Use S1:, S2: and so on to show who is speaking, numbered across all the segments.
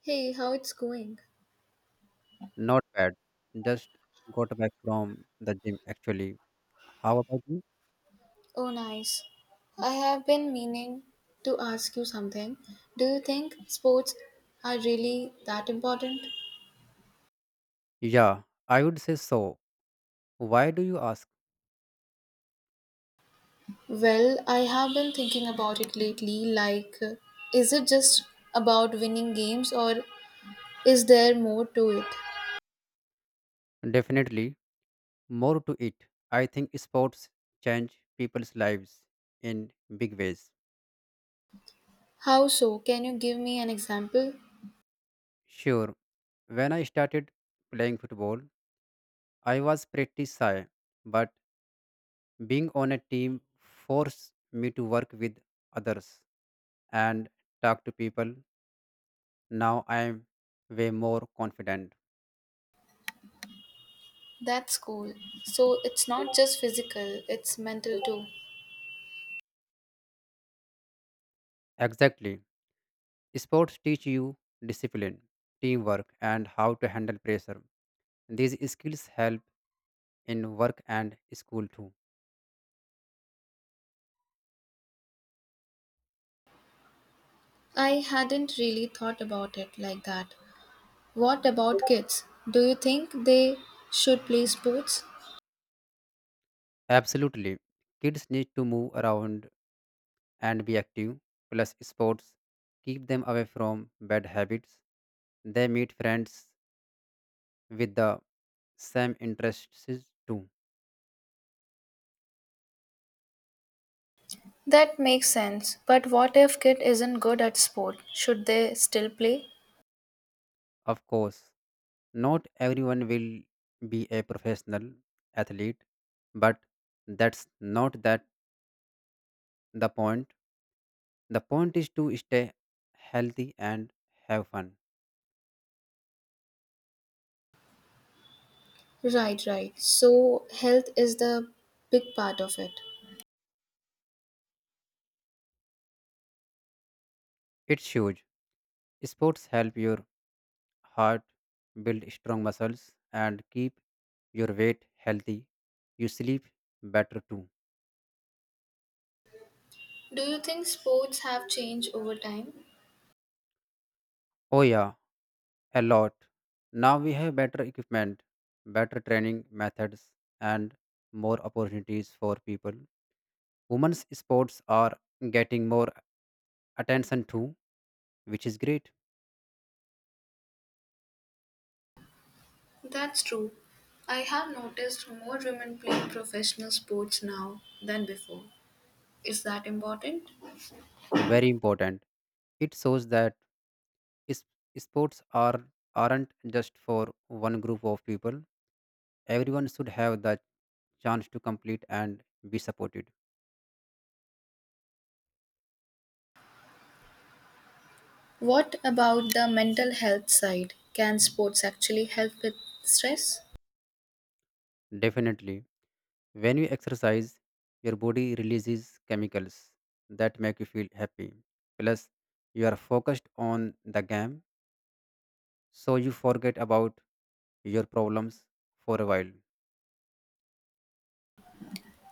S1: Hey, how it's going?
S2: Not bad. Just got back from the gym actually. How about you?
S1: Oh, nice. I have been meaning to ask you something. Do you think sports are really that important?
S2: Yeah, I would say so. Why do you ask?
S1: Well, I have been thinking about it lately. Is it just about winning games or is there more to it?
S2: Definitely more to it. I think sports change people's lives in big ways.
S1: How so? Can you give me an example?
S2: Sure, when I started playing football, I was pretty shy, but being on a team forced me to work with others and talk to people. Now I am way more confident.
S1: That's cool. So, it's not just physical, it's mental too.
S2: Exactly. Sports teach you discipline, teamwork, and how to handle pressure. These skills help in work and school too.
S1: I hadn't really thought about it like that. What about kids? Do you think they should play sports?
S2: Absolutely. Kids need to move around and be active, plus, sports keep them away from bad habits. They meet friends with the same interests too.
S1: That makes sense. But what if kid isn't good at sport? Should they still play?
S2: Of course, not everyone will be a professional athlete, but that's not that the point is to stay healthy and have fun.
S1: Right, right. So, health is the big part of it.
S2: It's huge. Sports help your heart, build strong muscles, and keep your weight healthy. You sleep better too.
S1: Do you think sports have changed over time?
S2: Oh yeah, a lot. Now we have better equipment, better training methods, and more opportunities for people. Women's sports are getting more attention too, which is great.
S1: That's true. I have noticed more women playing professional sports now than before. Is that important?
S2: Very important. It shows that Is- sports aren't just for one group of people. Everyone should have the chance to complete and be supported.
S1: What about the mental health side? Can sports actually help with stress?
S2: Definitely. When you exercise, your body releases chemicals that make you feel happy. Plus, you are focused on the game, so you forget about your problems for a while.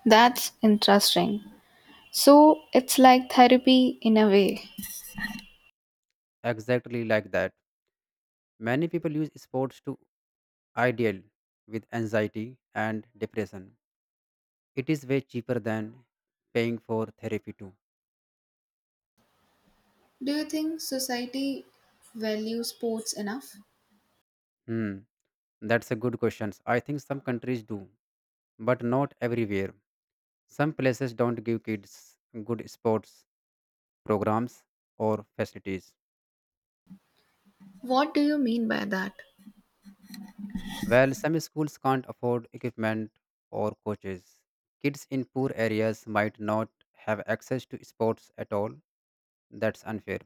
S1: That's interesting. So it's like therapy in a way.
S2: Exactly like that. Many people use sports to ideal with anxiety and depression. It is way cheaper than paying for therapy too.
S1: Do you think society values sports enough?
S2: Hmm. That's a good question. I think some countries do, but not everywhere. Some places don't give kids good sports programs or facilities.
S1: What do you mean by that?
S2: While some schools can't afford equipment or coaches, kids in poor areas might not have access to sports at all. That's unfair.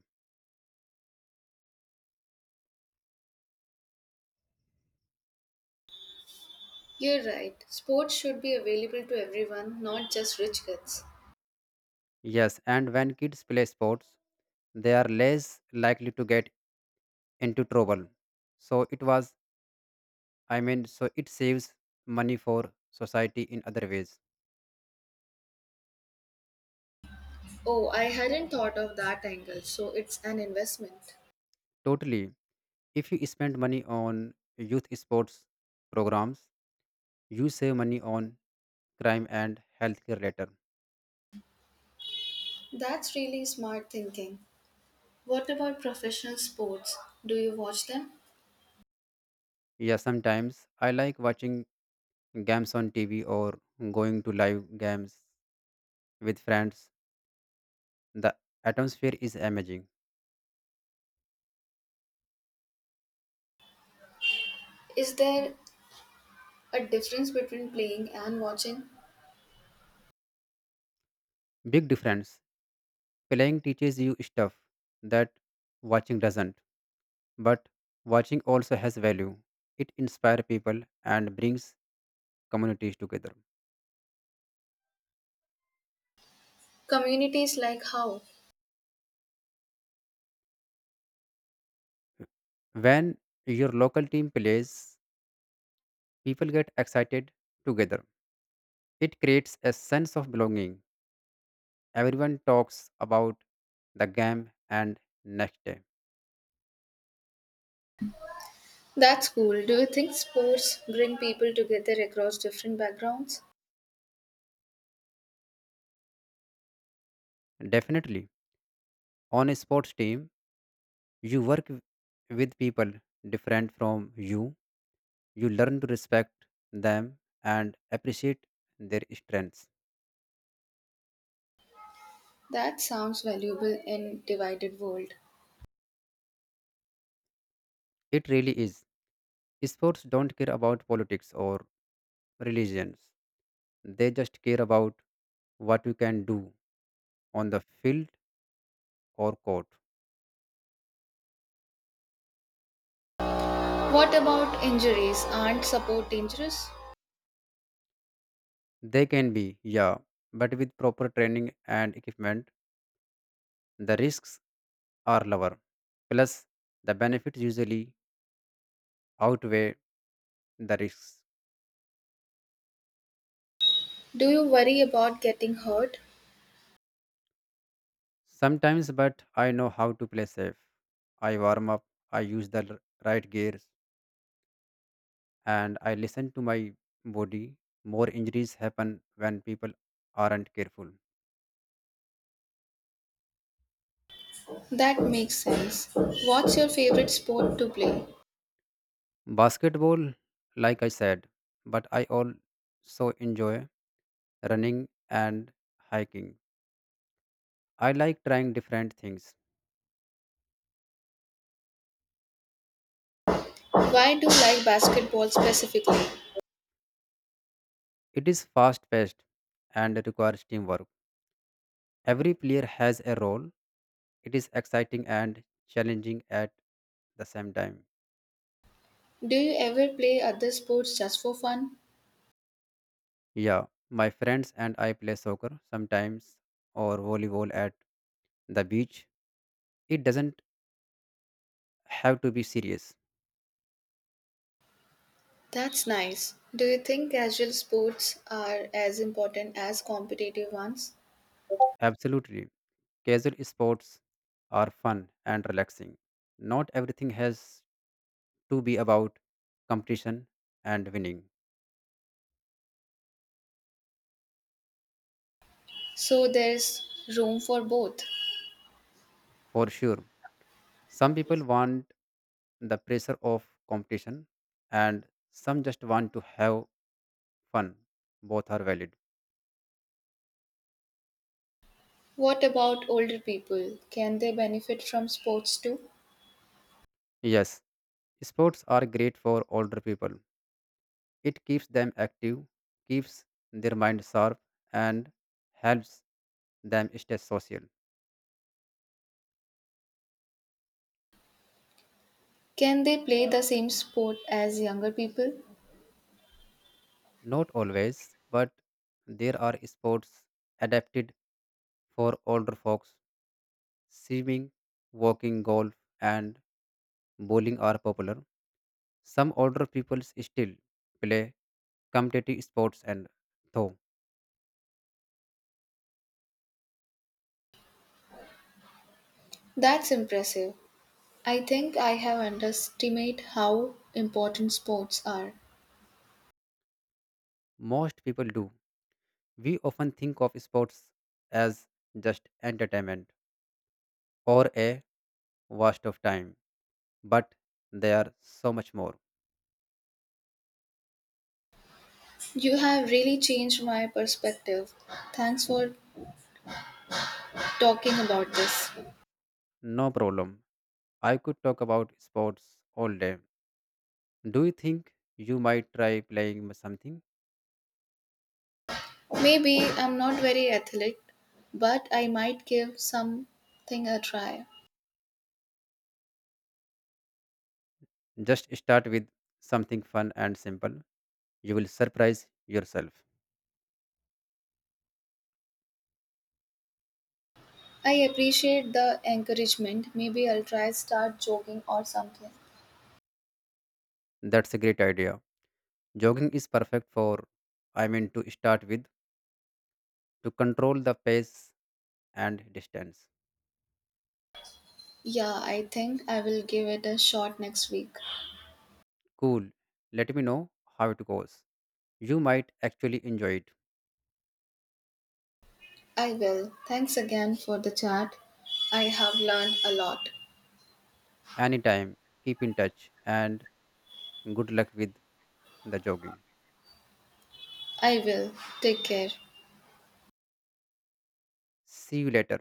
S1: You're right. Sports should be available to everyone, not just rich kids.
S2: Yes, and when kids play sports, they are less likely to get into trouble. So it was I mean, so it saves money for society in other ways.
S1: Oh, I hadn't thought of that angle, so it's an investment.
S2: Totally. If you spend money on youth sports programs, you save money on crime and healthcare later.
S1: That's really smart thinking. What about professional sports? Do you watch them?
S2: Yeah, sometimes I like watching games on TV or going to live games with friends. The atmosphere is amazing.
S1: Is there a difference between playing and watching?
S2: Big difference. Playing teaches you stuff that watching doesn't, but watching also has value. It inspires people and brings communities together.
S1: Communities like how?
S2: When your local team plays, people get excited together. It creates a sense of belonging. Everyone talks about the game and next day.
S1: That's cool. Do you think sports bring people together across different backgrounds?
S2: Definitely, on a sports team, you work with people different from you. You learn to respect them and appreciate their strengths.
S1: That sounds valuable in divided world.
S2: It really is. Sports don't care about politics or religions, they just care about what you can do on the field or court.
S1: What about injuries? Aren't support dangerous?
S2: They can be, yeah, but with proper training and equipment, the risks are lower. Plus, the benefits usually outweigh the risks.
S1: Do you worry about getting hurt?
S2: Sometimes, but I know how to play safe. I warm up, I use the right gears, and I listen to my body. More injuries happen when people aren't careful.
S1: That makes sense. What's your favorite sport to play?
S2: Basketball, like I said, but I also enjoy running and hiking. I like trying different things.
S1: Why do you like basketball specifically?
S2: It is fast paced and requires teamwork. Every player has a role. It is exciting and challenging at the same time.
S1: Do you ever play other sports just for fun?
S2: Yeah, my friends and I play soccer sometimes or volleyball at the beach. It doesn't have to be serious.
S1: That's nice. Do you think casual sports are as important as competitive ones?
S2: Absolutely. Casual sports are fun and relaxing. Not everything has to be about competition and winning,
S1: So there's room for both.
S2: for sure. Some people want the pressure of competition, and some just want to have fun. Both are valid.
S1: What about older people? Can they benefit from sports too?
S2: Yes, sports are great for older people. It keeps them active, keeps their mind sharp, and helps them stay social.
S1: Can they play the same sport as younger people?
S2: Not always, but there are sports adapted for older folks. Swimming, walking, golf, and bowling are popular. Some older people still play competitive sports, and though
S1: That's impressive. I think I have underestimated how important sports are.
S2: most people do, we often think of sports as just entertainment or a waste of time, but they are so much more.
S1: You have really changed my perspective. Thanks for talking about this.
S2: No problem. I could talk about sports all day. Do you think you might try playing something?
S1: Maybe I'm not very athletic, but I might give something a try.
S2: Just start with something fun and simple. You will surprise yourself.
S1: I appreciate the encouragement. Maybe I'll try start jogging or something.
S2: That's a great idea. Jogging is perfect I mean, to start with, to control the pace and distance.
S1: Yeah, I think I will give it a shot next week.
S2: Cool. Let me know how it goes. You might actually enjoy it.
S1: I will. Thanks again for the chat. I have learned a lot.
S2: Anytime, keep in touch and good luck with the jogging.
S1: I will. Take care.
S2: See you later.